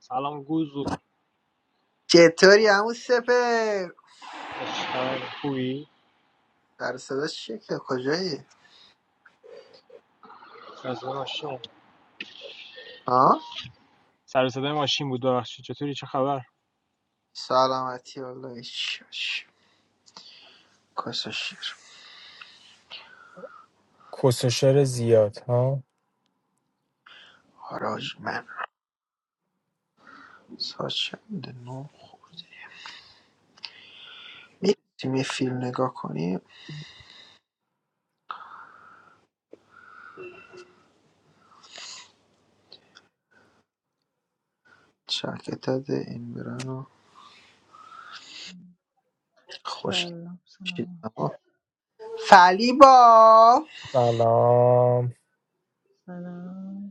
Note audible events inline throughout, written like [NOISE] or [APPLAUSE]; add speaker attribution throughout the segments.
Speaker 1: Salam Guru,
Speaker 2: چطوری عمو سپر
Speaker 1: Ashkar, Kui,
Speaker 2: در صدا چیه که کجایی
Speaker 1: Azamashim.
Speaker 2: ها
Speaker 1: Service of the machine. Good. What's your news?
Speaker 2: سلامتی والله هیچ باش. کاسا شیر
Speaker 1: Noise is a lot. Ah.
Speaker 2: حراج من ساعت چنده نو میرسیم یه فیلم نگاه کنیم شرکتت این برن و خوش
Speaker 3: سلام سلام
Speaker 2: چیدم فلیبا
Speaker 1: Salaam.
Speaker 3: سلام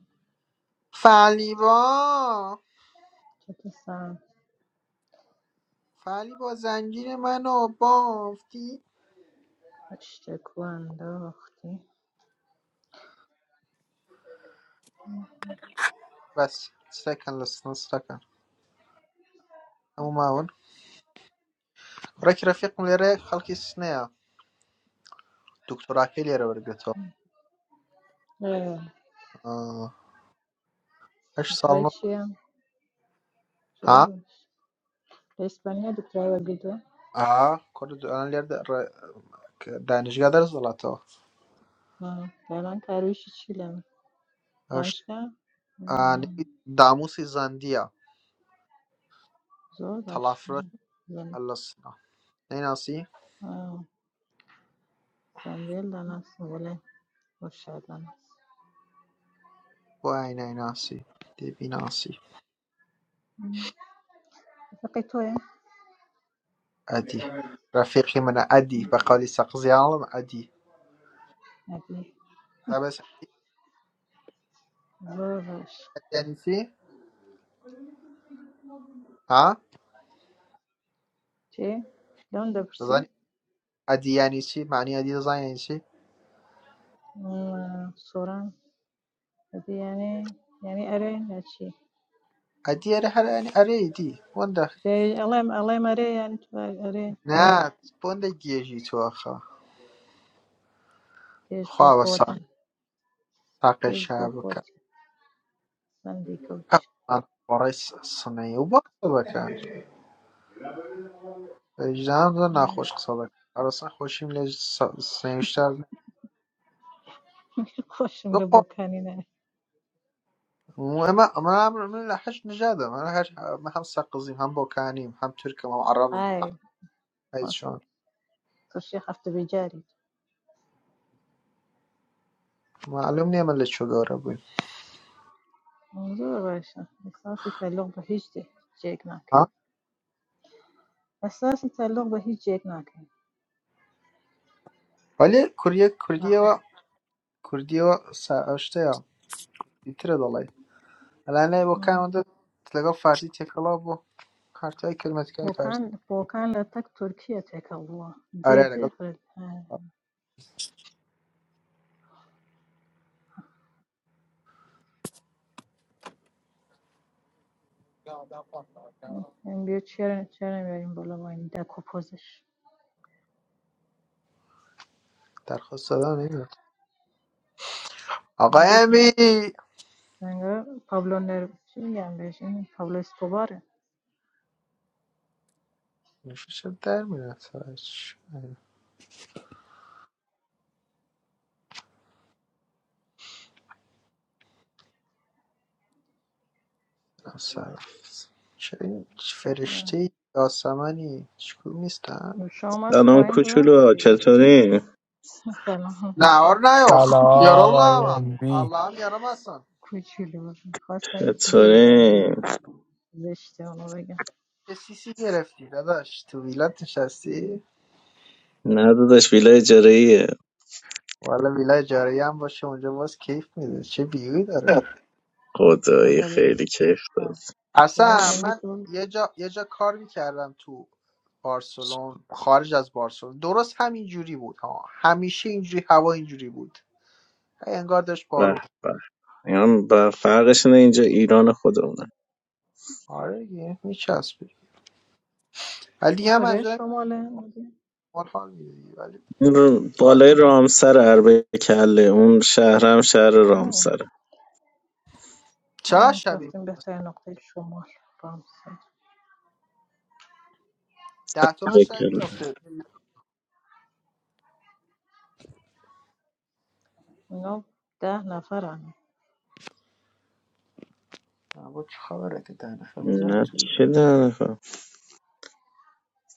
Speaker 2: فلیبا
Speaker 3: چطور سلام
Speaker 2: فلیبا زنجیر منو بافتی
Speaker 3: اشتکو انداختی
Speaker 2: بس سکن لسنا سکن اما معون راكي رفيق من العراق خلقي الصناعة دكتور عقيل يا رب
Speaker 3: اه،
Speaker 2: 8 سال
Speaker 3: دکترای
Speaker 2: ونص
Speaker 3: چیه؟ زور
Speaker 2: ها
Speaker 3: باش اسپانیا دکترای بگیدو
Speaker 2: اه كنت انا اللي أقدر- ك- دانشجا درس ولاته
Speaker 3: آه، الان ترویشی چیلم
Speaker 2: اش
Speaker 3: دانشگاه
Speaker 2: اني
Speaker 3: آه،
Speaker 2: داموسي زانديا
Speaker 3: زور باش
Speaker 2: تلافرش
Speaker 3: زن
Speaker 2: هلسنا نيناسي
Speaker 3: آه، زندیل دانست ولی باشد دانست
Speaker 2: واي نيناسي دي بيناسي
Speaker 3: فقی توی؟
Speaker 2: ادي رفيقي من ادي بقولي سقزيالم ادي بس
Speaker 3: زۆر باش
Speaker 2: ادي يعني شي ها
Speaker 3: تێ لەم دەپرسی
Speaker 2: تزاني ادي يعني شي معني ادي تزاني يعني شي
Speaker 3: سۆران یانێ یعنی یعنی ئەرێ ناچی
Speaker 2: ادي اره هر يعني اره دي ونده
Speaker 3: ئەڵێم ئەڵێم ئەرێ یان ئەرێ
Speaker 2: نه بونده گیجی تو آخه
Speaker 3: کێش بۆ
Speaker 2: خواه و ساق
Speaker 3: خۆتی
Speaker 2: ساق
Speaker 3: کێش بۆ
Speaker 2: شبکه
Speaker 3: خۆتی بەندی کەوچ
Speaker 2: Avval sinov boshlab ekan, vijdonim naxush hisob ekan. Qarasam, hoshimga sinvishlarni
Speaker 3: [LAUGHS] خۆشم لە
Speaker 2: yo'q.
Speaker 3: بۆکانی نای
Speaker 2: من من من لحج نجادة من لحج ما هم سقزيم هم بوكانيم هم تركم هم عربم
Speaker 3: های
Speaker 2: هاي شلون
Speaker 3: تووشی هەفتە بێجاری
Speaker 2: معلوم نيم اللي شو دور بوين
Speaker 3: زۆر باشە ئەساسی تەلۆق بە هیچ جێک ناکەی
Speaker 2: ها
Speaker 3: ئەساسی تەلۆق بە هیچ جێک ناکەی
Speaker 2: ولی کردیه کردیه
Speaker 3: ناخۆ
Speaker 2: و کردیه و سعشته یا بیتره دالای الان نه بوکان اونده تلگاه فارسی تکلا بو هر تای کلمت که فارسی
Speaker 3: Volkan Volkan Latak Türkiye تکاوه
Speaker 2: آره
Speaker 3: جدی
Speaker 2: لگاه
Speaker 3: خیلی من بیا چرا چرا میاریم بالا با این دکو پوزش
Speaker 2: درخواست دادم نمیدونم
Speaker 3: من
Speaker 2: آقای
Speaker 3: بیا
Speaker 2: امی
Speaker 3: انگار پابلو چی میگم بهش این پابلو اسکوباره
Speaker 2: میشه در میاد صرف چه این
Speaker 3: اه.
Speaker 2: فرشته یاسمنی چیکار نیستن
Speaker 3: نوشا آمد
Speaker 4: سلام
Speaker 3: پایین رفت
Speaker 4: کوچولو
Speaker 3: لحظه.
Speaker 4: چطوری؟
Speaker 3: سلام
Speaker 2: نهار نیاخ یارال نه
Speaker 1: Salaam.
Speaker 2: من.
Speaker 1: I'm bi.
Speaker 2: الله هم یارم هستن
Speaker 3: کوچولو بازم خواستم یه چیزی بگم
Speaker 4: چطوری؟
Speaker 3: ز- زشته اونو بگم
Speaker 2: یه سیسی گرفتی داداش تو ویلت نشستی
Speaker 4: نه داداش ویلا اجاره ایه
Speaker 2: والا ویلا اجاره هم باشه اونجا باز کیف میده چه بیوی داره
Speaker 4: خدایی
Speaker 3: اولین
Speaker 4: خیلی کیف داد
Speaker 3: بار. ببین
Speaker 2: اصلا
Speaker 3: امبی
Speaker 2: من
Speaker 3: تو
Speaker 2: یه جا, یه جا کار میکردم تو بارسلون خارج از بارسلون درست همین جوری بود ها همیشه اینجوری هوا اینجوری بود هی انگار داشت
Speaker 4: به
Speaker 2: بارون
Speaker 4: به اینا به فرقش اینه اینجا ایران خودمونه
Speaker 2: آره دیگه میچسبه ولی
Speaker 3: اون
Speaker 2: دیگه هم
Speaker 3: کجای
Speaker 2: از اون
Speaker 3: شماله
Speaker 2: بیمار حال میده دیگه ولی
Speaker 4: این رو- بالای
Speaker 2: عادی میشه
Speaker 4: رامسر عرب کله اون شهرم شهر
Speaker 3: آه.
Speaker 4: رامسره
Speaker 2: چقدر
Speaker 3: آه.
Speaker 2: شبیه
Speaker 3: رفتیم بهترین نقطه شمال با هم سر
Speaker 2: ده تومن
Speaker 4: عرب
Speaker 2: شبیه
Speaker 4: کله
Speaker 2: میافته
Speaker 3: اینا ده نفرن
Speaker 2: با چه خبره که ده نفر میزنن
Speaker 4: نه
Speaker 2: تو بیرون
Speaker 4: چه داره خب.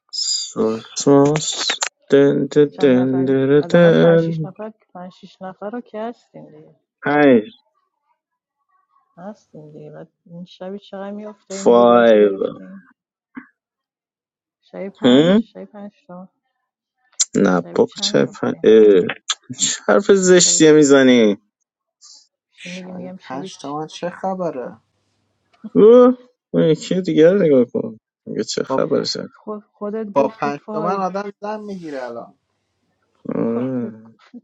Speaker 4: سوسموس دن دن
Speaker 3: چند
Speaker 4: دن
Speaker 3: نفر
Speaker 4: دن
Speaker 3: حداقل پنج
Speaker 4: دن.
Speaker 3: شیش نفر پنج شیش نفر رو که هستیم دیگه
Speaker 4: پنج
Speaker 3: هستیم دیگه بعد این شبی چقدر میفته این ویلایی که
Speaker 4: فایو
Speaker 3: گرفتیم شبی پنج
Speaker 4: هم؟
Speaker 3: شبی پنج تا
Speaker 4: نه
Speaker 3: شبی
Speaker 4: بابا
Speaker 3: چند
Speaker 4: چه پنج
Speaker 3: میفته
Speaker 4: اه. حرف
Speaker 3: شبی
Speaker 4: زشتیه میزنی
Speaker 3: چی میگی
Speaker 2: شاید
Speaker 3: میگم شبی
Speaker 2: پنج
Speaker 3: چ...
Speaker 2: تومن چه خبره
Speaker 4: او اون یکی دیگر رو نگاه کن میگه چه
Speaker 2: با,
Speaker 4: خبر
Speaker 3: خود- خودت
Speaker 2: با
Speaker 3: گفتی
Speaker 2: پنج تومن
Speaker 3: فایو
Speaker 2: آدم زن میگیره الان
Speaker 3: [LAUGHS] خودت
Speaker 4: آره.
Speaker 3: گفتی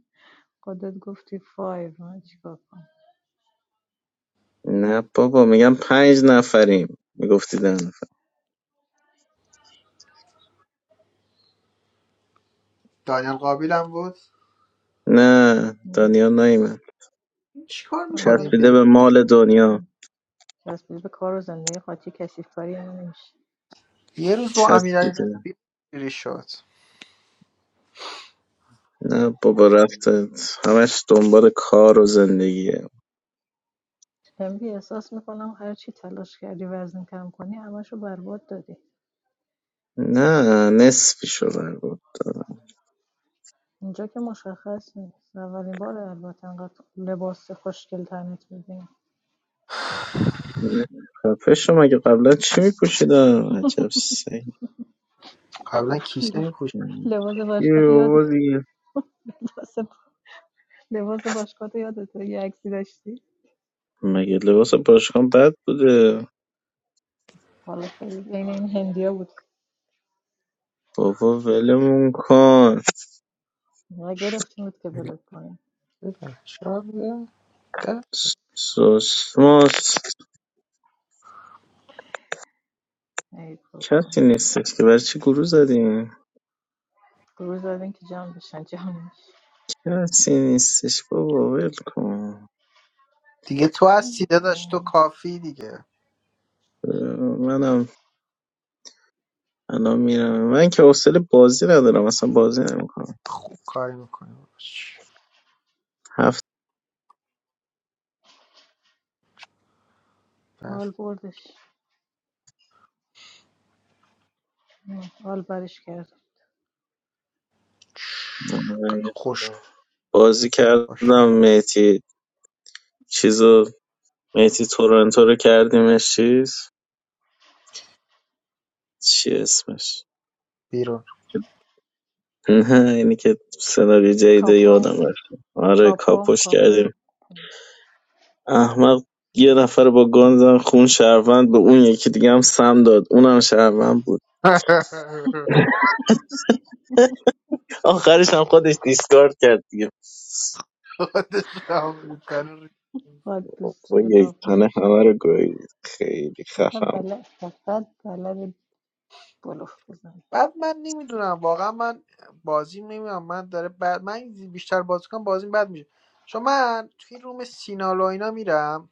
Speaker 3: خودت گفتی فایو من چیکار
Speaker 4: نه بابا میگم پنج نفریم میگفتی ده نفر
Speaker 2: دانیل قابیل هم بود
Speaker 4: نه
Speaker 3: کنم
Speaker 4: دنیا نیمه
Speaker 2: این چیکار میکنه این
Speaker 3: دانیال
Speaker 4: چسبیده
Speaker 2: بیرون
Speaker 4: به مال دنیا
Speaker 3: چسبیده به کار و زندگی خاطی کسیف کاری نمیشه
Speaker 2: یه روز با
Speaker 4: چسبیده
Speaker 2: امیرعلی بیری شد
Speaker 4: نه بابا رفته همش دنبال کار و زندگیه
Speaker 3: MB احساس میکنم هر چی تلاش کردی وزن کم کنی همشو برباد دادی
Speaker 4: نه نصفی شو بر بود
Speaker 3: اینجا که مشخص نیست اولین بار البته انقدر لباس خوشگل تنت میدیم
Speaker 4: خفه شو مگه قبلا چی میپوشیدم عجب سگ
Speaker 2: قبلا کیسه
Speaker 3: [LAUGHS]
Speaker 2: میپوش
Speaker 3: لباس
Speaker 4: یه
Speaker 3: باشگاه یاد
Speaker 4: بابا دیگه.
Speaker 3: لباس لباس باشگاه یادت یه عکسی داشتی
Speaker 4: مگه لباس باشگاه بد بوده
Speaker 3: حالا خیلی بین این هندیا بود
Speaker 4: بابا ولمون کن
Speaker 3: ما گرفتیم بود که بلد کنیم
Speaker 2: شب
Speaker 4: سوسماس
Speaker 3: ای بابا
Speaker 4: کسی نیستش که برای چی گروه زدیم
Speaker 3: گروه زدین که جمع بشن جمع
Speaker 4: کسی نیستش بابا ول کن
Speaker 2: دیگه تو از سیده داشت تو
Speaker 3: نمیشن
Speaker 2: کافی دیگه
Speaker 4: اه، منم الان میرم من که حوصله بازی ندارم اصلا بازی نمیکنم
Speaker 2: خوب کاری میکنه
Speaker 4: هفت
Speaker 3: حال بردش حال برش کرد
Speaker 2: خوش
Speaker 4: بازی
Speaker 2: باش
Speaker 4: کردم میتی چیزو میتی تورنتو رو کردیمش چیز چی اسمش
Speaker 2: بیرون
Speaker 4: [LAUGHS] نه اینی که سناریو جدید
Speaker 3: کاپو
Speaker 4: یادم رفت آره
Speaker 3: کاپو
Speaker 4: کاپوش کردیم
Speaker 3: کاپو
Speaker 4: احمق یه نفر با گان زن خون شهروند به اون یکی دیگه هم سم داد اونم شهروند بود
Speaker 2: [LAUGHS]
Speaker 4: آخرش هم خودش دیسکارد کرد دیگه
Speaker 2: خودش رو ریخت.
Speaker 3: باید دوست
Speaker 4: با
Speaker 3: داره
Speaker 4: یک تنه
Speaker 3: داغونش کنه
Speaker 4: همه رو گوید خیلی
Speaker 3: مثلا
Speaker 4: خفم
Speaker 3: بلد فقط بلد بلوف بزنه
Speaker 2: بعد من نمیدونم واقعا من بازی نمیدونم من داره بعد من بیشتر بازی کنم بازی بد میشه چون من توی روم سینالو اینا میرم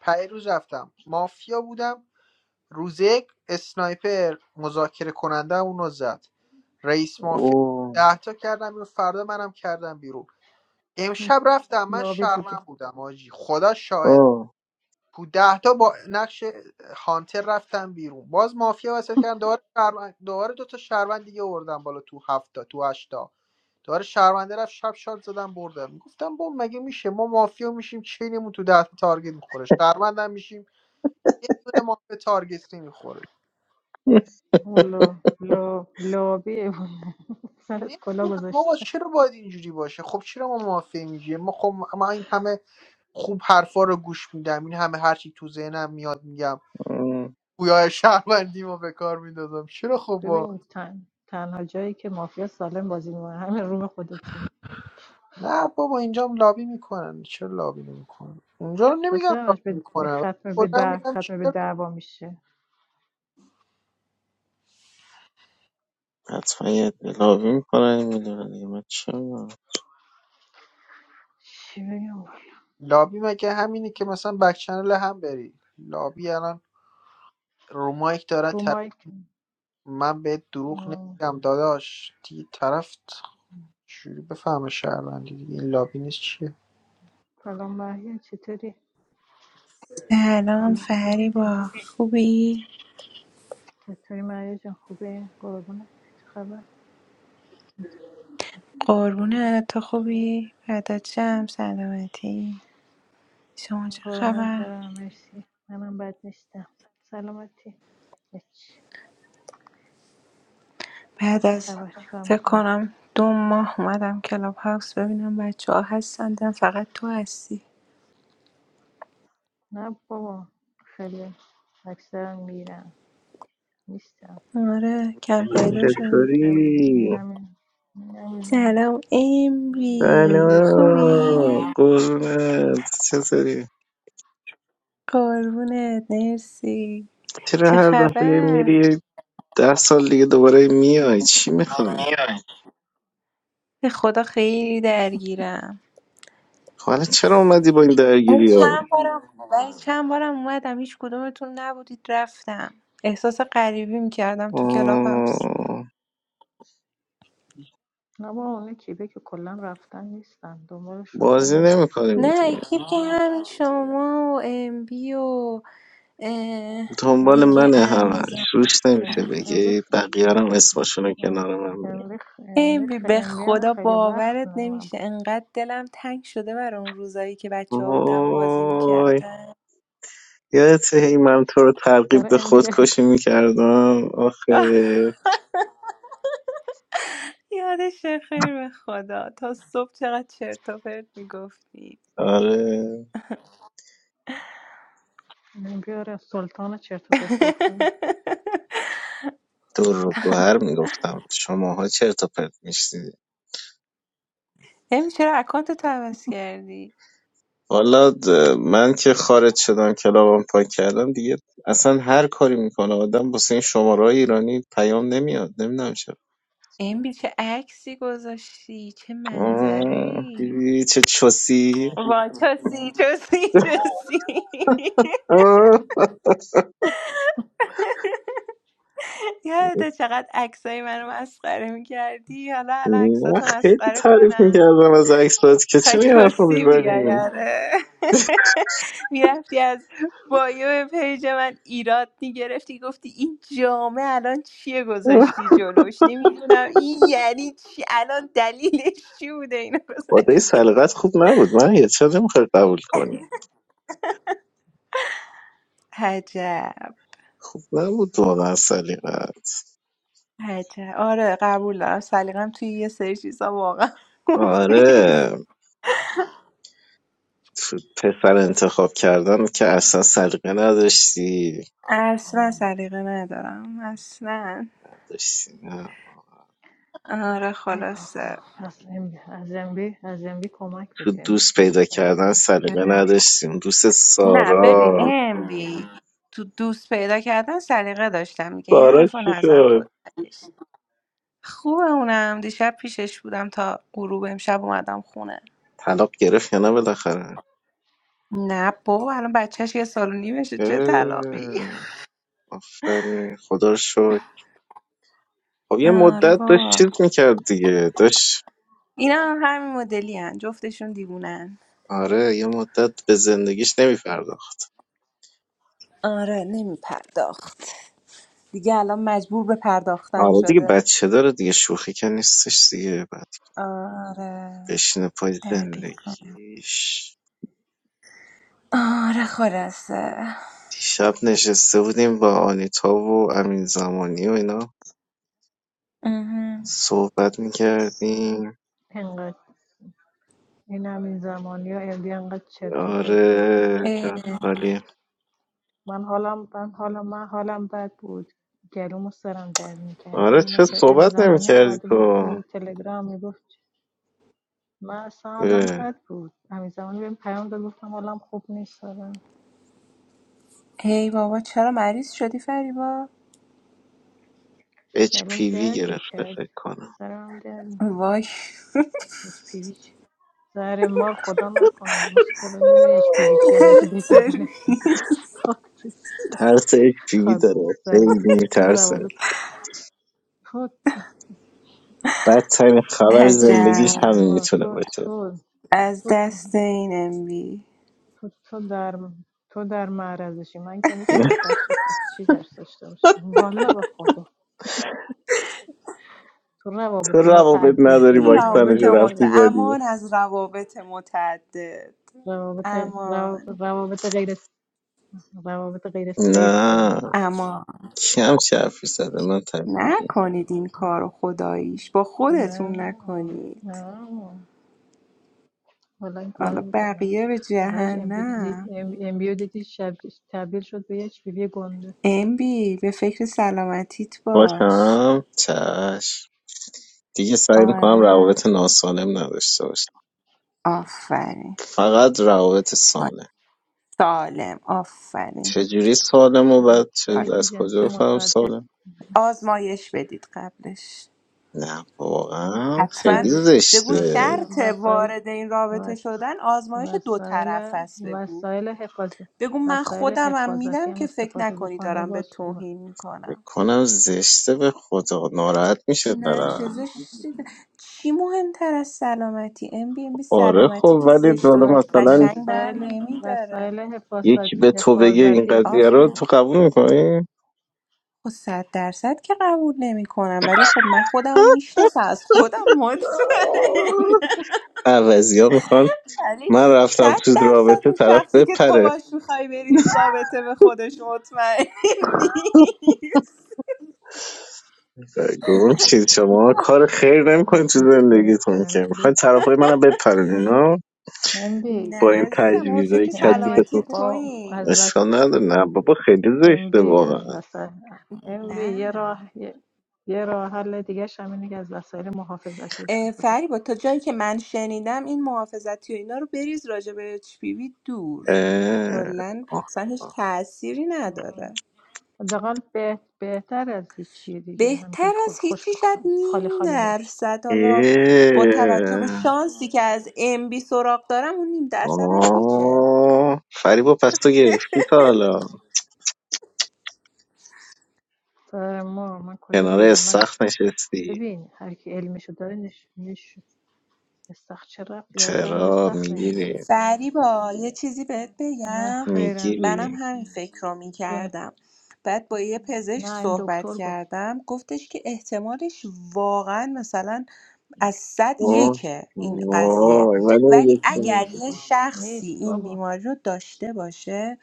Speaker 2: پی روز رفتم مافیا بودم روز یک اسنایپر مذاکره کننده اونو زد رئیس مافیا
Speaker 4: اوه
Speaker 2: ده تا کردم بیرون فردا منم کردم بیرون امشب رفتم من
Speaker 3: لابی
Speaker 2: شرمم
Speaker 3: بوده
Speaker 2: بودم آجی خدا
Speaker 4: اوه
Speaker 2: تو ده تا با نقش هانتر رفتن بیرون باز مافیا وسط کردن دوباره شهروند دوباره دو تا شهروند دیگه آوردن بالا تو هفتا تو هشتا دوباره شهرونده رفت شب شاد زدن بردن گفتم با مگه میشه ما مافیا میشیم چینمون تو ده تا تارگت میخوره شهروندم میشیم یه دونه مافیا تارگت نمیخوره
Speaker 4: [LAUGHS]
Speaker 3: لو لو لابی بوده سرت کلا
Speaker 2: نمیدونم بابا
Speaker 3: گذاشته
Speaker 2: چرا باید اینجوری باشه خب چرا ما مافیا میگیم ما خب ما این همه خوب حرفا رو گوش میدم این همه هرچی تو ذهنم میاد میگم
Speaker 4: اوه.
Speaker 2: گویا شهروندی ما به کار میدادم چرا خب
Speaker 3: ببین تن تنها جایی که مافیا سالم بازی میکنه همین روم خودتون
Speaker 2: نه بابا اینجا هم لابی میکنن چرا لابی نمیکنن اونجا رو
Speaker 3: پس
Speaker 2: نمیگم
Speaker 3: همش
Speaker 2: لابی
Speaker 3: به به
Speaker 2: میکنن ولی
Speaker 3: ختم به
Speaker 2: خودم
Speaker 3: در
Speaker 2: میگم
Speaker 3: ختم به
Speaker 2: چرا
Speaker 3: دعوا میشه
Speaker 4: حتما یه بلاوی میکنن این میلیون دیگه من چه می‌دونم.
Speaker 3: چی بگم
Speaker 2: لابی مگه همینه که مثلا بک چنل هم بری لابی الان رومایک داره
Speaker 3: رو
Speaker 2: طرف
Speaker 3: مایک
Speaker 2: من بهت دروغ
Speaker 3: م،
Speaker 2: نمیگم داداش دیگه طرف چجوری بفهمه شهروندی دیگه این لابی نیست چیه
Speaker 3: سلام مریم چطوری
Speaker 5: سلام فریبا خوبی؟
Speaker 3: چطوری مریم جان خوبه قربونه چه خبر
Speaker 5: قربونه تو خوبی؟ بعدت جمع سلامتی شما چه
Speaker 3: قربونت
Speaker 5: خبر؟
Speaker 3: برم مرسی منم بد نیستم سلامتی هیچ تو
Speaker 5: بعد
Speaker 3: چه
Speaker 5: از
Speaker 3: خبر چیکار
Speaker 5: فکر
Speaker 3: میکنی
Speaker 5: کنم دو ماه اومدم کلاب هاوس ببینم بچه ها هستن دیدم فقط تو هستی
Speaker 3: نه بابا خیلی اکثرا میرم نیستم
Speaker 5: آره کم پیدا شدم
Speaker 4: چطوری؟
Speaker 3: نمیدونم نمیدونم
Speaker 5: سلام
Speaker 3: نم
Speaker 5: امری
Speaker 3: بیه
Speaker 5: خوبی؟
Speaker 4: سلام قربونت چطوری؟
Speaker 5: قربونت مرسی
Speaker 4: چرا
Speaker 5: چه
Speaker 4: هر دفعه
Speaker 5: خبر؟
Speaker 4: میری ده سال دیگه دوباره میای چی میخوای؟
Speaker 5: به خدا خیلی درگیرم
Speaker 4: خب الان چرا اومدی با این درگیری ها
Speaker 5: ولی چند بارم اومدم هیچ کدومتون نبودید رفتم احساس غریبی میکردم تو کلاب هاوس
Speaker 4: آه،
Speaker 3: نه بابا اون کیبه که کلا رفتن نیستن دنبالش اصلا
Speaker 4: بازی
Speaker 3: نگرد
Speaker 4: نمیکنیم
Speaker 5: نه
Speaker 4: دیگه
Speaker 5: اکیپ که همین شما و ام بی و اه،
Speaker 4: دنبال
Speaker 3: آه
Speaker 5: دیگه
Speaker 4: منه همه
Speaker 5: امیزم
Speaker 4: شوش
Speaker 3: امبی
Speaker 4: نمیشه
Speaker 3: خ... امبی
Speaker 4: بگی
Speaker 3: خ...
Speaker 4: بقیه رو هم اسمشون کنار
Speaker 3: آره.
Speaker 4: من میگه
Speaker 3: امبی خ... امبی
Speaker 5: ام بی
Speaker 3: خ...
Speaker 5: به
Speaker 3: امبی هم
Speaker 5: خدا
Speaker 3: خیلی وقت
Speaker 5: باورت
Speaker 3: نه من
Speaker 5: نمیشه
Speaker 3: بود.
Speaker 5: انقدر دلم تنگ شده برای اون روزایی که بچه ها بودم بازی
Speaker 4: وای
Speaker 5: میکردن
Speaker 4: یادت هی من تو رو ترغیب
Speaker 3: برای
Speaker 4: به
Speaker 3: امبی دارید
Speaker 4: خودکشی میکردم
Speaker 5: [LAUGHS]
Speaker 4: آخه
Speaker 5: یادش خیر به خدا تا صبح چقدر چرت و پرت میگفتی
Speaker 4: آره
Speaker 3: امبی آره سلطان چرت و پرت گفتن
Speaker 5: [LAUGHS]
Speaker 4: دور رو گوهر میگفتم شماها چرت و پرت میشتی
Speaker 5: ام چرا اکانت تو عوض کردی
Speaker 4: حالا د- من که خارج شدم کلابم پاک کردم دیگه اصلا هر کاری میکنه آدم واسه این شماره ایرانی پیام نمیاد نمیدونم چرا
Speaker 5: بی چه عکسی گذاشتی چه منظره
Speaker 4: آه،
Speaker 5: ای
Speaker 4: دیدی چه چوسی
Speaker 5: وای چسی چسی چسی
Speaker 4: آه،
Speaker 5: یاده چقدر عکسای منو مسخره میکردی حالا الان
Speaker 4: من
Speaker 5: عکساتو
Speaker 4: خیلی
Speaker 5: مسخره
Speaker 4: تعریف
Speaker 5: کنم
Speaker 4: میکردم از اکسات که
Speaker 5: خواهی
Speaker 4: چرا این حرف رو
Speaker 5: چسی بیای
Speaker 4: میبریم
Speaker 5: آره میرفتی از بایو پیج من ایراد میگرفتی گفتی این جامعه الان چیه گذاشتی جلوش نمیدونم این یعنی چی الان دلیلش چی بوده اینو
Speaker 4: خدای
Speaker 5: گذاشتی
Speaker 4: سلیقت خوب نبود من یه چرا نمیخوای قبول کنی
Speaker 5: عجب
Speaker 4: خوب نبود واقعا سلیقت
Speaker 5: عجب. آره قبول دارم سلیقم توی یه سری چیزا واقعا [LAUGHS] خوب نیست
Speaker 4: آره ف- پسر انتخاب کردن که اصلا سلیقه نداشتی
Speaker 5: اصلا سلیقه ندارم اصلا
Speaker 4: نداشتی
Speaker 5: آره
Speaker 3: ای بابا
Speaker 5: خلاصه
Speaker 3: از ام از MB از MB کمک
Speaker 4: تو
Speaker 3: بگیر MB
Speaker 4: دوست
Speaker 3: خیلی
Speaker 4: پیدا
Speaker 3: سلیقه
Speaker 4: کردن
Speaker 3: داره.
Speaker 4: سلیقه
Speaker 5: اه.
Speaker 4: نداشتیم دوست
Speaker 5: نه ببین
Speaker 4: سارا
Speaker 5: امبی تو دوست پیدا کردن سلیقه داشتم میگه این
Speaker 4: سارا
Speaker 5: حرفو
Speaker 4: چی
Speaker 5: نزن خودش
Speaker 4: شد
Speaker 5: خوبه اونم دیشب پیشش بودم تا غروب امشب اومدم خونه
Speaker 4: طلاق گرفت یا نه بالاخره
Speaker 5: نه بابا الان بچهش یه سال و نیمشه چه طلاقی
Speaker 4: اه، آفرین خدا رو شکر خب یه
Speaker 5: آره
Speaker 4: مدت داشت
Speaker 5: بابا
Speaker 4: چیز میکرد دیگه داشت
Speaker 5: اینا هم همین مدلی هن جفتشون دیوونن
Speaker 4: آره یه مدت به زندگیش نمیپرداخت
Speaker 5: آره نمیپرداخت دیگه الان مجبور به پرداختن
Speaker 4: آره دیگه
Speaker 5: شده
Speaker 4: بچه داره دیگه شوخی که نیستش دیگه بعد
Speaker 5: آره
Speaker 4: بشینه پای
Speaker 5: دقیقا
Speaker 4: زندگیش
Speaker 5: آره خلاصه
Speaker 4: دیشب نشسته بودیم با آنیتا و امین زمانی و اینا
Speaker 5: اها.
Speaker 4: صحبت میکردیم
Speaker 3: انقدر این همین زمانی ها MB انقدر چرت و پرت گفت
Speaker 4: آره
Speaker 5: اه،
Speaker 4: جات خالیه
Speaker 3: من حالم من حالم من حالم بد بود گلومو سرم در میکرد هی
Speaker 4: آره
Speaker 3: اینا
Speaker 4: چه
Speaker 3: چه امی
Speaker 4: صحبت نمی
Speaker 3: زمانی هم
Speaker 4: کردی
Speaker 3: اومده بود
Speaker 4: تو
Speaker 3: تو تلگرام میگفت من اصلا حالم بد بود امی زمانی بهم پیام داد گفتم حالم خوب نیست دارم
Speaker 5: هی بابا چرا مریض شدی فریبا
Speaker 4: اچ
Speaker 3: گلوم
Speaker 4: پی وی
Speaker 3: درد
Speaker 4: گرفته
Speaker 3: میکرد
Speaker 4: فکر کنم
Speaker 3: سرم درد میکنه
Speaker 5: وای
Speaker 3: هیچ پیویچ زهر مار خدا نکنه مسکلو میدونی اچ پی وی چی الکی به
Speaker 5: [LAUGHS]
Speaker 3: زبونه خاک تو سر
Speaker 4: ترس اچ پی وی
Speaker 3: خاک تو
Speaker 4: داره
Speaker 3: سره.
Speaker 4: خیلی
Speaker 3: این
Speaker 4: میترسه
Speaker 3: روابط تو
Speaker 4: بدترین خبر
Speaker 5: عجب
Speaker 4: زندگیش
Speaker 3: زهر
Speaker 4: همین
Speaker 3: مار
Speaker 4: میتونه
Speaker 3: تو
Speaker 4: باشه
Speaker 3: تو
Speaker 5: از
Speaker 3: تو
Speaker 5: دست این ام بی
Speaker 3: تو تو در تو در معرضشی من که نیستم
Speaker 4: [LAUGHS]
Speaker 3: ترس از چی ترس داشته باشم والا به خدا تو
Speaker 4: تو
Speaker 3: روابط
Speaker 4: روابط
Speaker 3: متعدد
Speaker 4: نداری
Speaker 3: داری من که
Speaker 5: رابط
Speaker 4: واکسنشو
Speaker 5: مت
Speaker 4: رفتی
Speaker 3: نداره
Speaker 4: زدی
Speaker 5: امان [LAUGHS] از روابط متعدد
Speaker 3: روابط رو-
Speaker 5: امان
Speaker 3: روابط غیر روابط غیر سیف
Speaker 4: نه
Speaker 3: داری
Speaker 5: امان
Speaker 4: کم چه حرفی زده من تبدیلی
Speaker 5: نکنید این کارو خداییش با خودتون
Speaker 3: نه
Speaker 5: نکنید
Speaker 3: نه حالا این کار
Speaker 5: حالا
Speaker 3: میکنن
Speaker 5: بقیه به
Speaker 3: آخرش امبیودیتی
Speaker 5: جهنم
Speaker 3: امبیودیتی شب... تبدیل شد به یک بیبی گنده
Speaker 5: امبی به فکر سلامتیت باش
Speaker 4: باشم چش دیگه سعی میکنم
Speaker 5: آره
Speaker 4: روابط ناسالم نداشته باشم
Speaker 5: آفرین
Speaker 4: فقط روابط سالم
Speaker 5: آره. سالم آفرین
Speaker 4: چجوری سالمو
Speaker 3: ش...
Speaker 4: و چه
Speaker 5: آره.
Speaker 3: شریک
Speaker 4: از کجا
Speaker 3: جنسی
Speaker 4: بفهمم
Speaker 3: متعدد
Speaker 4: سالم
Speaker 5: آزمایش بدید قبلش
Speaker 4: نه واقعا
Speaker 5: حتما
Speaker 4: خیلی
Speaker 3: از
Speaker 5: بگو
Speaker 4: زشته
Speaker 3: وسایل
Speaker 5: شرط
Speaker 3: وسایل
Speaker 5: وارد این رابطه شدن آزمایش دو طرف
Speaker 3: وسایل
Speaker 5: است بگو
Speaker 3: وسایل حفاظت
Speaker 5: بگو من
Speaker 3: وسایل
Speaker 5: خودمم
Speaker 3: حفاظتی
Speaker 5: میدم
Speaker 3: هم
Speaker 5: که فکر
Speaker 3: استفاده
Speaker 5: نکنی
Speaker 3: بکنه
Speaker 5: دارم به
Speaker 3: باز خوبه
Speaker 5: توهین میکنم
Speaker 4: فکر کنم زشته به خدا ناراحت میشه
Speaker 5: نه چه
Speaker 4: طرف
Speaker 5: زشتی چی مهمتر از سلامتی ام بی ام بی
Speaker 4: آره
Speaker 5: سلامتی
Speaker 4: خب
Speaker 5: که
Speaker 4: ولی
Speaker 5: زشت و
Speaker 4: حالا
Speaker 3: وس...
Speaker 4: مثلا
Speaker 5: قشنگ بر
Speaker 3: وسایل
Speaker 5: نمیداره
Speaker 3: وسایل
Speaker 4: یکی
Speaker 3: حفاظت...
Speaker 4: به تو بگه این
Speaker 3: حفاظتی
Speaker 4: قضیه رو
Speaker 3: استفاده
Speaker 4: تو
Speaker 5: آفرین
Speaker 3: کن
Speaker 4: قبول میکنی
Speaker 5: خب صد درصد که قبول نمی کنم ولی خب من خودم رو میشناسم از خودم مطمئن
Speaker 4: عوضی ها میخوان
Speaker 5: ولی
Speaker 4: من رفتم
Speaker 5: صد
Speaker 4: تو
Speaker 5: درصد
Speaker 4: رابطه
Speaker 5: اون
Speaker 4: طرف
Speaker 5: شخصی که تو
Speaker 4: بپره
Speaker 5: باش میخوای بری تو رابطه به خودش مطمئن [LAUGHS] نیست
Speaker 4: گم شید شما کار خیر
Speaker 3: آی،
Speaker 4: نمیکنید تو
Speaker 3: دوست دارد
Speaker 4: زندگیتون که
Speaker 3: کنن MB
Speaker 4: میخواین طرفای منم بپرین اینا
Speaker 3: MB
Speaker 4: با
Speaker 5: نه
Speaker 4: این
Speaker 5: عزیزم ما به
Speaker 4: تجویزهای
Speaker 5: فکر
Speaker 3: MB
Speaker 4: کثیفتون
Speaker 5: سلامتی
Speaker 3: با
Speaker 5: تویی
Speaker 3: از وس
Speaker 4: اشکال نداره نه بابا خیلی
Speaker 3: ام
Speaker 4: زشته
Speaker 3: بی از
Speaker 4: واقعا
Speaker 3: وسایل ام بی یه
Speaker 5: نه
Speaker 3: راه یه, یه راه حل دیگه هم که از وسایل محافظتی
Speaker 5: اه،
Speaker 3: استفاده
Speaker 5: فریبا تا جایی که من شنیدم این محافظتی و اینا رو بریز راجع به HPV دور
Speaker 4: اه،
Speaker 5: کلا
Speaker 4: آه.
Speaker 5: اصلا هیچ تأثیری
Speaker 3: کنیم
Speaker 5: نداره
Speaker 3: حداقل به- بهتر از هیچی دیگه همینجوری
Speaker 5: بهتر
Speaker 3: خو-
Speaker 5: از
Speaker 3: خوش
Speaker 5: هیچی شاید
Speaker 3: بخوام خالی
Speaker 5: نیم
Speaker 3: خالی
Speaker 5: درصد حالا با توجه به
Speaker 4: اه.
Speaker 5: شانسی که از MB سراغ دارم اون نیم درصد هم هیچه
Speaker 4: آه. فریبا پس تو گرفتی تا حالا
Speaker 3: بری ما من کجا
Speaker 4: کنار
Speaker 3: بگیرم من
Speaker 4: استخ نشستی
Speaker 3: ببین هر کی علمشو داره نش نش استخر چه ربطی داره اصلا از
Speaker 4: چرا
Speaker 3: استخر میگیری
Speaker 4: میگیری
Speaker 5: فریبا یه چیزی بهت
Speaker 3: نه
Speaker 5: بگم
Speaker 3: خیرم
Speaker 5: منم
Speaker 4: میگیری
Speaker 5: همین فکر رو
Speaker 3: جون
Speaker 5: میکردم بعد با یه پزشک
Speaker 3: نه این
Speaker 5: صحبت
Speaker 3: دکتر گفت
Speaker 5: کردم گفتش که احتمالش واقعا مثلا از صد
Speaker 4: وای
Speaker 5: یکه این قضیه
Speaker 4: وای، ولی
Speaker 5: ولی
Speaker 4: میگه تو
Speaker 5: اگر
Speaker 3: نیست
Speaker 4: می‌گی.
Speaker 5: یه شخصی
Speaker 3: نیست
Speaker 5: این
Speaker 3: بابا
Speaker 5: بیماری رو داشته باشه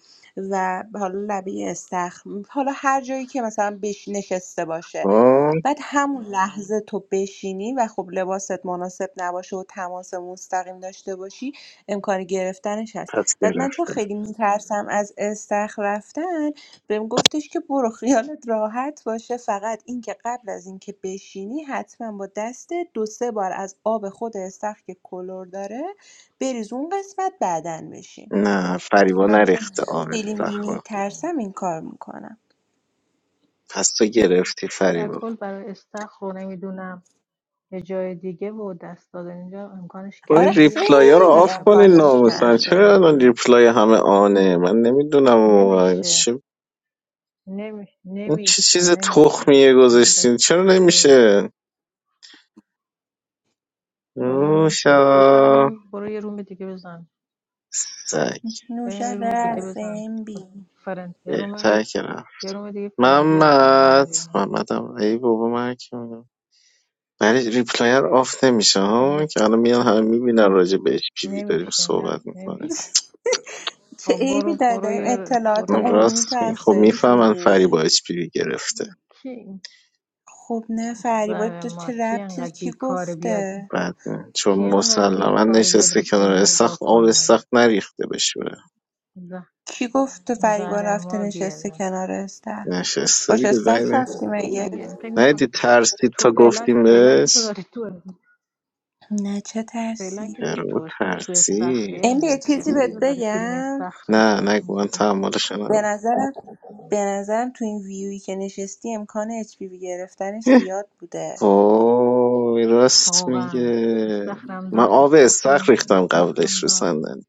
Speaker 5: و حالا لبه استخر حالا هر جایی که مثلا بش نشسته باشه
Speaker 4: وای،
Speaker 5: بعد همون لحظه تو بشینی و خب لباست مناسب نباشه و تماس مستقیم داشته باشی امکان گرفتنش هست
Speaker 4: پس
Speaker 5: بعد من
Speaker 4: گرفت
Speaker 5: چون خیلی میترسم از استخر رفتن بهم گفتش که برو خیالت راحت باشه فقط اینکه قبل از اینکه بشینی حتما با دست دو سه بار از آب خود استخر که کلر داره بریز اون قسمت بعدن بشین
Speaker 4: نه فریبا
Speaker 5: من چون
Speaker 4: نریخته آب
Speaker 5: خیلی
Speaker 4: استخ رو.
Speaker 5: میترسم این کار میکنم
Speaker 4: پس تو گرفتی
Speaker 3: در
Speaker 4: فریبا
Speaker 3: کل برای استخر نمیدونم یه جای دیگه و دست دادن اینجا امکانش
Speaker 4: خب
Speaker 3: کمه
Speaker 4: این
Speaker 5: آره
Speaker 3: مگه اینکه
Speaker 4: ریپلای ها
Speaker 3: یکی
Speaker 4: رو
Speaker 5: خیلی
Speaker 4: آف
Speaker 3: زخم
Speaker 4: کنین
Speaker 3: باز
Speaker 5: امکانش
Speaker 3: داشته
Speaker 4: ناموسن
Speaker 5: کمه
Speaker 4: چرا
Speaker 3: باشه
Speaker 4: الان
Speaker 3: اینا
Speaker 4: ریپلای همه آنه من نمیدونم واقعا
Speaker 3: نمیشه
Speaker 4: چه
Speaker 3: نمی...
Speaker 4: این چه
Speaker 3: نمیشه
Speaker 4: چیز
Speaker 3: نمیشه
Speaker 4: تخمیه
Speaker 3: اینا باید
Speaker 4: گذاشتین چرا
Speaker 3: کسی که
Speaker 4: نمیشه
Speaker 3: بالا نمیشه میخوام
Speaker 4: نوشا
Speaker 3: بریم برو یه روم دیگه بزن
Speaker 4: سگ
Speaker 5: نوش
Speaker 3: بریم یه روم دیگه
Speaker 5: رس
Speaker 3: بزن خب،
Speaker 5: بی
Speaker 3: فرند یه روم
Speaker 4: بهتر کردم
Speaker 3: یه روم دیگه فرندلی بزنم
Speaker 4: محمد
Speaker 3: ببینم
Speaker 4: محمدم ای بابا من که می‌دونم. ولی ریپلای رو آف نمیشه
Speaker 3: ام
Speaker 4: ها
Speaker 3: بی
Speaker 4: که الان میان همه میبینن راجع به اچ پی وی داریم
Speaker 3: نمیشه
Speaker 4: صحبت
Speaker 3: نه
Speaker 4: میکنیم
Speaker 3: نمیشه
Speaker 5: چه
Speaker 3: خب برو
Speaker 5: عیبی داره
Speaker 3: برو
Speaker 5: داریم
Speaker 3: یه
Speaker 5: اطلاعات
Speaker 3: برو
Speaker 4: من
Speaker 3: یه رو
Speaker 5: عمومی
Speaker 4: راست
Speaker 5: تو
Speaker 4: می... خب
Speaker 5: افزایش
Speaker 4: میفهمن فری با
Speaker 5: میدیم
Speaker 4: اچ پی وی گرفته
Speaker 3: کی
Speaker 5: خب نه فریبا
Speaker 3: زهر
Speaker 5: تو
Speaker 3: مار
Speaker 5: چه
Speaker 3: کی
Speaker 5: ربطی
Speaker 3: انقدر
Speaker 5: کی
Speaker 3: بیکاره بیاد
Speaker 5: گفته
Speaker 4: بد نه. چون
Speaker 3: کی اینقدر
Speaker 4: مسلما
Speaker 3: بیکاره بیاد
Speaker 4: نشسته
Speaker 3: ریپلی
Speaker 4: کنار
Speaker 3: اینو
Speaker 4: استخر
Speaker 3: نگاه
Speaker 4: آب
Speaker 3: کنه
Speaker 4: استخر نریخته بشوره
Speaker 5: کی گفته فریبا
Speaker 3: زهر
Speaker 5: رفته
Speaker 3: مار
Speaker 5: نشسته
Speaker 3: بیاد
Speaker 5: کنار استخر
Speaker 4: نشسته
Speaker 5: باش
Speaker 4: دیگه
Speaker 5: استخر
Speaker 4: غیره
Speaker 5: رفتی مگه
Speaker 3: من گم فکر میکنم
Speaker 4: ندید ترسید
Speaker 3: تو
Speaker 4: تا
Speaker 3: فعلا
Speaker 4: گفتیم
Speaker 3: فعلا که تو
Speaker 4: بهش
Speaker 3: داری تو
Speaker 5: نه چه
Speaker 3: فعلا
Speaker 5: ترسی
Speaker 3: که تو
Speaker 4: رو
Speaker 3: تو تو استخری
Speaker 4: ترسید
Speaker 5: ام
Speaker 3: ام
Speaker 5: یه
Speaker 3: بی
Speaker 5: چیزی
Speaker 3: فعلا که
Speaker 5: بهت
Speaker 3: تو داری فیلم
Speaker 5: بگم
Speaker 3: استخر
Speaker 4: نه
Speaker 3: استخر
Speaker 4: نگو من
Speaker 3: میذاری
Speaker 4: تحملش
Speaker 5: به
Speaker 4: ندارم
Speaker 5: نظرم به نظرم تو این ویویی که نشستی امکان اچ پی وی گرفتنش
Speaker 4: اه،
Speaker 5: زیاد بوده
Speaker 4: وای راست
Speaker 3: واقعا
Speaker 4: میگه
Speaker 3: استخرم
Speaker 4: من
Speaker 3: داره
Speaker 4: آب استخر
Speaker 3: استخرم
Speaker 4: ریختم قبلش
Speaker 3: استخرم
Speaker 4: رو
Speaker 3: داره
Speaker 4: صندلی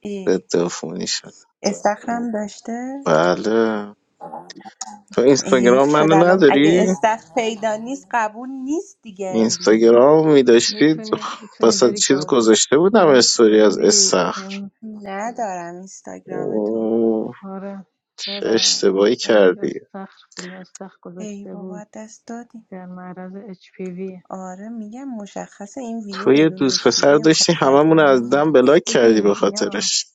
Speaker 5: ای
Speaker 4: ضد عفونی شد
Speaker 5: استخرم داشته
Speaker 4: بله تو
Speaker 5: حیف
Speaker 4: اینستاگرام
Speaker 5: شد
Speaker 4: منو
Speaker 5: الان اگه
Speaker 4: نداری
Speaker 5: استخ پیدا نیست قبول نیست دیگه ام بی
Speaker 4: اینستاگرام میداشتید
Speaker 3: میتونی میتونی
Speaker 4: واسه
Speaker 3: بری
Speaker 4: چیز
Speaker 3: گار
Speaker 4: گذاشته بودم
Speaker 3: ام
Speaker 4: استوری
Speaker 3: ام
Speaker 4: از
Speaker 3: بی
Speaker 4: استخر
Speaker 3: ام
Speaker 5: ندارم اینستاگرام تو
Speaker 4: اوه،
Speaker 3: آره
Speaker 4: چه
Speaker 3: چرا
Speaker 4: اشتباهی
Speaker 3: رفته بود
Speaker 4: کردی
Speaker 3: استخر فیلم استخر
Speaker 5: ای
Speaker 3: گذاشته
Speaker 5: بابا
Speaker 3: بود
Speaker 5: دست دادی
Speaker 3: در معرض اچ پی وی.
Speaker 5: آره میگم مشخصه این ویو
Speaker 4: تو یه
Speaker 5: بدون
Speaker 4: دوست
Speaker 5: اچ پی
Speaker 4: پسر
Speaker 5: بی امکان
Speaker 4: داشتی هممون
Speaker 5: پذیر
Speaker 4: رو از
Speaker 5: نیست
Speaker 4: دم بلاک کردی به
Speaker 3: ببین اینا
Speaker 4: خاطرش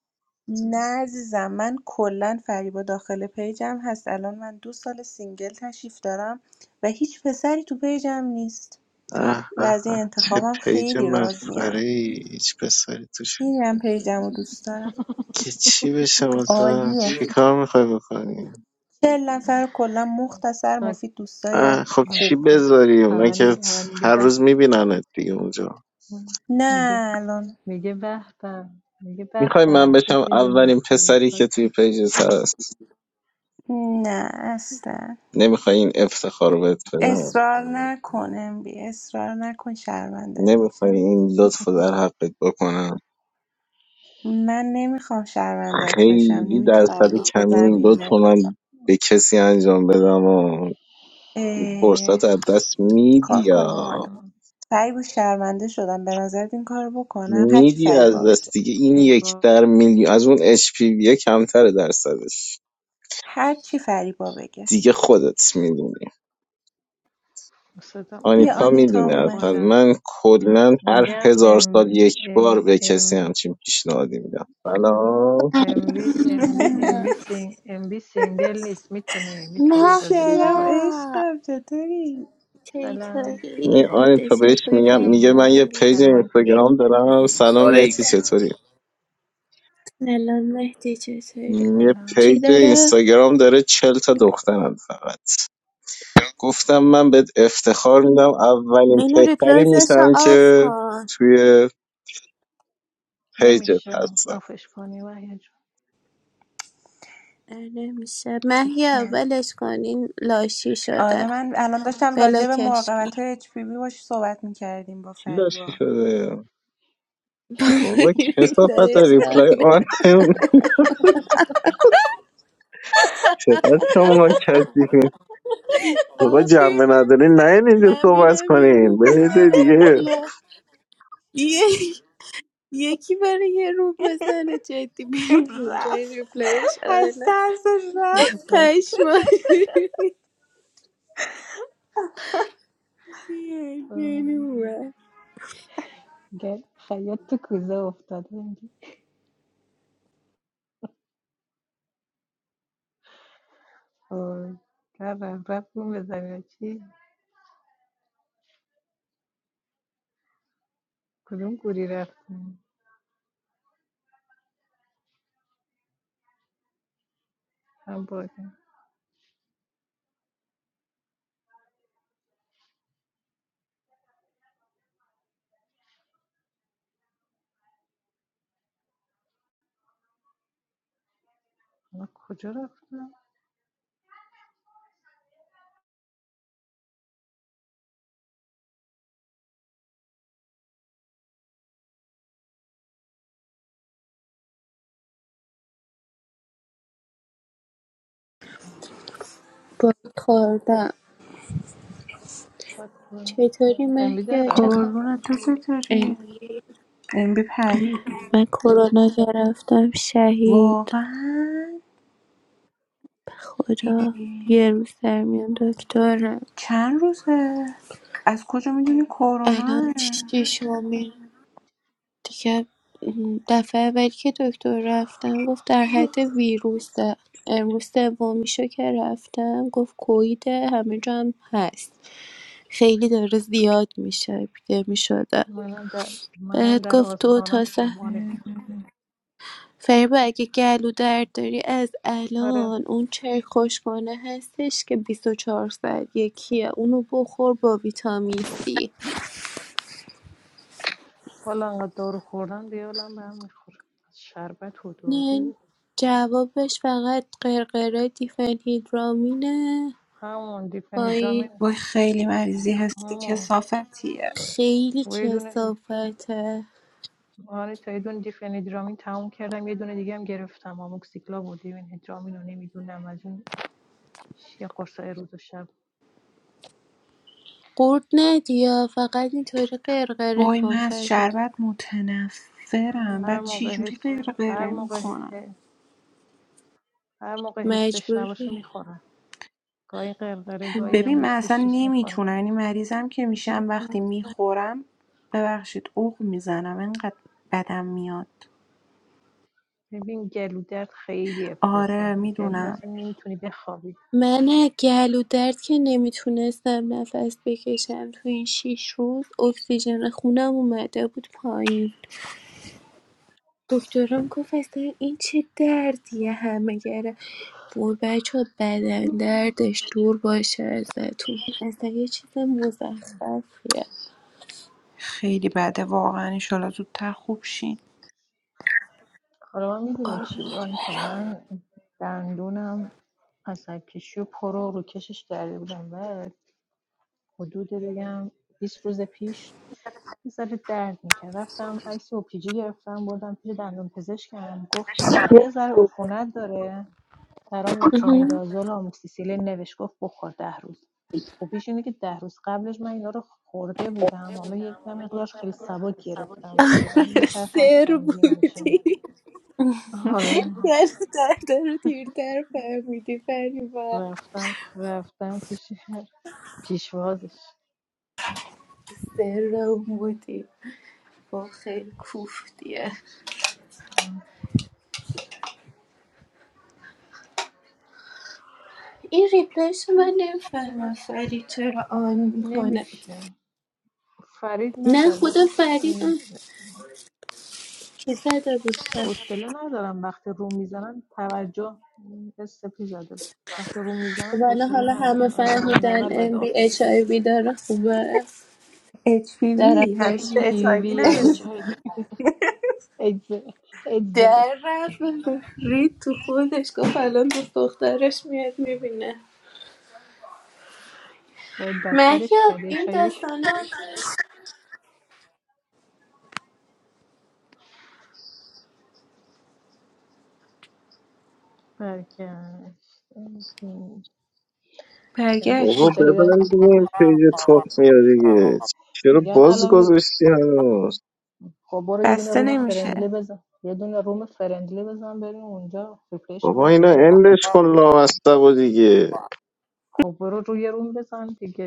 Speaker 5: نه عزیزم من کلا فریبا داخل پیجم هست الان من دو سال سینگل تشریف دارم و هیچ پسری تو پیجم نیست
Speaker 4: اه
Speaker 5: و
Speaker 4: اه
Speaker 5: از
Speaker 4: اه
Speaker 5: این
Speaker 4: چه
Speaker 5: انتخابم
Speaker 4: پیج
Speaker 5: خیلی
Speaker 4: مسخره
Speaker 5: راضیم
Speaker 4: ای. هیچ پسری توش
Speaker 5: خیلی هم پیجم رو دوست دارم
Speaker 4: که چی بشه واسه
Speaker 5: عالیه
Speaker 4: چی کار میخوای بکنی
Speaker 5: 40 نفر رو کلا مختصر
Speaker 3: خاک
Speaker 5: مفید دوستای
Speaker 4: اه، خب چی
Speaker 5: خوب
Speaker 3: کن
Speaker 4: بذاری اونا
Speaker 3: همه
Speaker 4: که
Speaker 3: می- همه میگه
Speaker 4: هر
Speaker 3: به
Speaker 4: روز میبیننت دیگه اونجا
Speaker 3: به. میگه
Speaker 5: نه الان
Speaker 3: میگه به به میگه به
Speaker 4: میخوای من
Speaker 3: به چه
Speaker 4: بشم
Speaker 3: پیج
Speaker 4: اولین
Speaker 3: مسخره
Speaker 4: پسری
Speaker 3: خاک
Speaker 4: که توی پیجت هست
Speaker 5: نه اصلا
Speaker 4: نمیخوای این افتخار رو بهت بدم
Speaker 5: اصرار نکنم بی اصرار نکن شرمندت
Speaker 4: نمیخوای
Speaker 5: میشم
Speaker 4: این لطف رو در حقت بکنم
Speaker 5: من نمیخوام شرمندت بشم
Speaker 4: خیلی
Speaker 5: نمیتونم
Speaker 4: درصد
Speaker 5: رو تو
Speaker 4: کمی
Speaker 5: زمین
Speaker 4: لطف
Speaker 5: بندازم
Speaker 4: من به کسی انجام بدم و
Speaker 5: اه،
Speaker 4: فرصت از دست میدی
Speaker 5: کار کنیم
Speaker 4: یا
Speaker 5: حالا
Speaker 3: آه.
Speaker 5: فریبا شرمنده شدم به نظرت این کار رو بکنم هرچی
Speaker 4: میدی
Speaker 5: فریبا
Speaker 4: از
Speaker 5: بگه
Speaker 4: دست دیگه این
Speaker 3: ای
Speaker 4: یک
Speaker 3: بابا
Speaker 4: در میلیون از اون اچ پی وی کمتره درصدش
Speaker 5: هرچی فریبا بگه
Speaker 4: دیگه خودت میدونی
Speaker 3: صدام ای
Speaker 5: بیا
Speaker 4: آنیتا
Speaker 3: بابا چه
Speaker 5: آنیتا هم
Speaker 4: میدونه
Speaker 3: بک
Speaker 5: اومد
Speaker 4: اصلا
Speaker 3: خوردم
Speaker 4: من کلا هر
Speaker 3: میگم
Speaker 4: هزار سال
Speaker 3: ام
Speaker 4: یک بار
Speaker 3: ام
Speaker 4: به کسی
Speaker 3: ام
Speaker 4: همچین پیشنهادی میدم سلام
Speaker 3: ام بی ام بی ام بی سینگ ام بی سینگل نیست میتونه میتونه اجازه بده
Speaker 6: محیا
Speaker 5: سلام
Speaker 3: بیا
Speaker 5: عشقم چطوری؟
Speaker 3: سلام
Speaker 6: چطوری
Speaker 4: می آنیتا
Speaker 6: فدشن
Speaker 4: بهش
Speaker 6: خوبی
Speaker 4: میگم میگه من
Speaker 3: سلام
Speaker 6: فریبا
Speaker 4: یه
Speaker 6: بی
Speaker 4: پیج
Speaker 3: سلام آنکه جون
Speaker 4: اینستاگرام دارم
Speaker 3: چطوری
Speaker 4: سلام
Speaker 7: Sorry.
Speaker 4: مهتی چطوری
Speaker 6: سلام مهدی چطوری
Speaker 4: یه
Speaker 3: سلام
Speaker 6: چی
Speaker 4: پیج
Speaker 6: داره
Speaker 4: اینستاگرام داره چل تا دخترن فقط گفتم من بهت افتخار میدم اولین
Speaker 6: اینو
Speaker 4: پسری
Speaker 6: ریپلازش رو
Speaker 4: میشم
Speaker 6: آف
Speaker 4: که
Speaker 6: کن
Speaker 4: توی پیجت
Speaker 3: نمیشه
Speaker 4: هستم
Speaker 3: آفش کنی وحید
Speaker 6: اه، نمیشه محیا ولش کن این لاشی شده
Speaker 5: آره من الان داشتم راجع به
Speaker 6: بلاکش
Speaker 5: مراقبت
Speaker 6: کن
Speaker 5: های HPV باش صحبت میکردیم با
Speaker 4: کی لاشی
Speaker 5: فریبا
Speaker 4: شده
Speaker 6: [LAUGHS]
Speaker 4: بابا کسافت
Speaker 6: ریپلایش
Speaker 4: ریپلای
Speaker 6: آنه
Speaker 4: آن [LAUGHS] چقدر شما کسیفین آقا
Speaker 6: آقا
Speaker 4: جنبه
Speaker 6: بیمه
Speaker 4: ندارین نه اینجا
Speaker 6: من
Speaker 4: صحبت
Speaker 6: میرم یه
Speaker 4: کنین
Speaker 6: روم
Speaker 4: برین یه جای
Speaker 6: میزنم
Speaker 4: دیگه
Speaker 6: بیا یه یکی برای یه روم بزنه جدی بریم
Speaker 5: [LAUGHS]
Speaker 6: اونجا این
Speaker 5: رفت
Speaker 6: ریپلیش آره
Speaker 5: از ترسش رفت
Speaker 6: پشمای
Speaker 3: گر خیاط تو کوزه افتاده میگه وای کردم رفتیم به زمین چی کدوم گوری رفتیم هم بادیم من کجا رفتم
Speaker 6: با خوردم
Speaker 3: فکر کنم
Speaker 6: چطوری
Speaker 3: انبیده
Speaker 6: مهیا چه
Speaker 3: رفت
Speaker 6: خبر؟
Speaker 5: قربونت تو
Speaker 6: ای،
Speaker 5: چطوری؟ ام بی پرید
Speaker 6: من کرونا گرفتم شهید
Speaker 5: واقعا
Speaker 6: خدا یه روز در میان دکترم
Speaker 5: چند روزه از کجا میدونی کرونا
Speaker 6: الان شیشمین دیگه م، دفعه اولی که دکتر رفتم گفت در حد ویروسه امروز سومیشو که رفتم گفت کوید همه جا هم هست خیلی داره زیاد میشه اپیدمی شده
Speaker 3: منم در منم
Speaker 6: بهت
Speaker 3: در
Speaker 6: گفت تو
Speaker 3: آستانه
Speaker 6: تا سه
Speaker 3: شم آنیت
Speaker 6: فریبا اگه گلو درد داری از
Speaker 3: آره
Speaker 6: الان اون چای خوشگانه هستش که 24 ساعت یکیه اونو بخور با ویتامین سی
Speaker 3: والا انقدر دارو خوردن دیالم به هم میخوره شربت و
Speaker 6: نه
Speaker 3: دارو
Speaker 6: جوابش فقط قرقره دیفنهیدرامینه
Speaker 3: همون
Speaker 6: وای
Speaker 3: دیپنیدرامین
Speaker 5: وای خیلی مریضی هستی
Speaker 3: همون
Speaker 5: کسافتیه
Speaker 6: خیلی
Speaker 3: و یه دونه
Speaker 6: کثافته
Speaker 3: آره تا یه دونه دیفنیدرامین تموم کردم یه دونه دیگه هم گرفتم آموکسیکلا بود دیفنیدرامین رو نمیدونم از اون چیه قرصای روز و شب
Speaker 6: قورت ندیا فقط اینطوری قرقره
Speaker 5: وای من
Speaker 6: کن
Speaker 5: از
Speaker 6: فریبا
Speaker 5: شربت متنفرم
Speaker 3: هر
Speaker 5: بعد چی
Speaker 3: موقع
Speaker 5: جوری
Speaker 3: حس
Speaker 5: غیر
Speaker 3: هر
Speaker 5: غیره
Speaker 3: موقع
Speaker 5: میکنم
Speaker 3: ه- هر موقع حسش نباشه
Speaker 6: مجبوری
Speaker 3: میخورم گاهی قرقره گاهی هم
Speaker 5: ببین من اصلا
Speaker 3: حسش نیست
Speaker 5: نمیتونم
Speaker 3: میخورم
Speaker 5: یعنی مریضم که میشم وقتی میخورم ببخشید اوق میزنم انقدر بدم میاد
Speaker 3: ببین گلو خیلی
Speaker 5: آره
Speaker 3: افتضاحه گلو درد
Speaker 5: میدونم
Speaker 3: اصلا نمیتونی بخوابی
Speaker 6: من گلو درد که نمیتونستم نفس بکشم تو این شیش روز اکسیژن خونم اومده بود پایین دکترم گفت اصلا این چه دردیه همه گره وای بچه بدن دردش دور باشه ازتون اصلا یه چیز مزخرفیه
Speaker 5: خیلی بده واقعا انشالله زودتر خوب شین
Speaker 3: حالا من میدونی چی
Speaker 6: قربونت.
Speaker 3: بود آنیتا من دندونم عصب کشی و پرو رو کشش کرده بودم و حدود بگم 20 روز پیش یه ذره درد میکرد رفتم عکس اوپیجی گرفتم بردم پیش دندون پزشکم گفت یه ذره عفونت داره برام مترونیدازول و آموکسیسیلین نوشت گفت بخور ده روز خوبیش اینه که ده روز قبلش من اینا رو خورده بودم حالا یک مقدارش خیلی سبک گرفتم
Speaker 6: آره
Speaker 3: میترسم
Speaker 6: سر
Speaker 3: سنگین بشه
Speaker 6: بودی
Speaker 3: آره
Speaker 6: ولی دردا رو دیرتر فهمیدی فریبا
Speaker 3: رفتم رفتم پیش پیشوازش
Speaker 6: سر رو بودی با خیلی کوفتیه این ریپلیش رو من نمیفهمم فرید چرا آن میکنه
Speaker 3: نمیشه فرید
Speaker 6: نه خود
Speaker 3: نزد
Speaker 6: فرید اون که زده بود پس
Speaker 3: حوصله ندارم وقتی روم میزنن توجه استپی زده وقتی روم میزنن
Speaker 6: ولی
Speaker 3: حوصله
Speaker 6: حالا همه
Speaker 3: ندارم از همون
Speaker 6: فهمیدن
Speaker 3: اول باید
Speaker 6: ام بی
Speaker 3: آف
Speaker 6: اچ آی بی داره خوبه
Speaker 5: HPV هنوز
Speaker 3: اچ
Speaker 6: درفش
Speaker 5: به
Speaker 3: پی
Speaker 5: HIV
Speaker 3: وی اچ
Speaker 5: نرسید
Speaker 3: آی وی ایدز ایدز داره
Speaker 6: در رفت رید تو خودش گفت الان دوست دخترش میاد میبینه
Speaker 3: باید بدترش
Speaker 6: مهیا
Speaker 3: کردی
Speaker 6: این
Speaker 3: چای
Speaker 6: داستانات
Speaker 3: برگشت [LAUGHS]
Speaker 4: آقا
Speaker 5: برگشت
Speaker 3: جدیدن
Speaker 4: ببرین پیج توپ میاد دیگه چرا
Speaker 3: میگن
Speaker 4: باز
Speaker 3: الان
Speaker 4: گذاشتی هنوز
Speaker 3: خب برو یه دونه
Speaker 5: بسته
Speaker 3: روم فرندلی
Speaker 5: نمیشه
Speaker 3: بزن یه دونه روم فرندلی بزن بریم اونجا ریپلیش هم
Speaker 4: بابا
Speaker 3: آف
Speaker 4: اینا
Speaker 3: کنیم
Speaker 4: اندش کن لامصب و دیگه
Speaker 3: خب برو روی روم بزن دیگه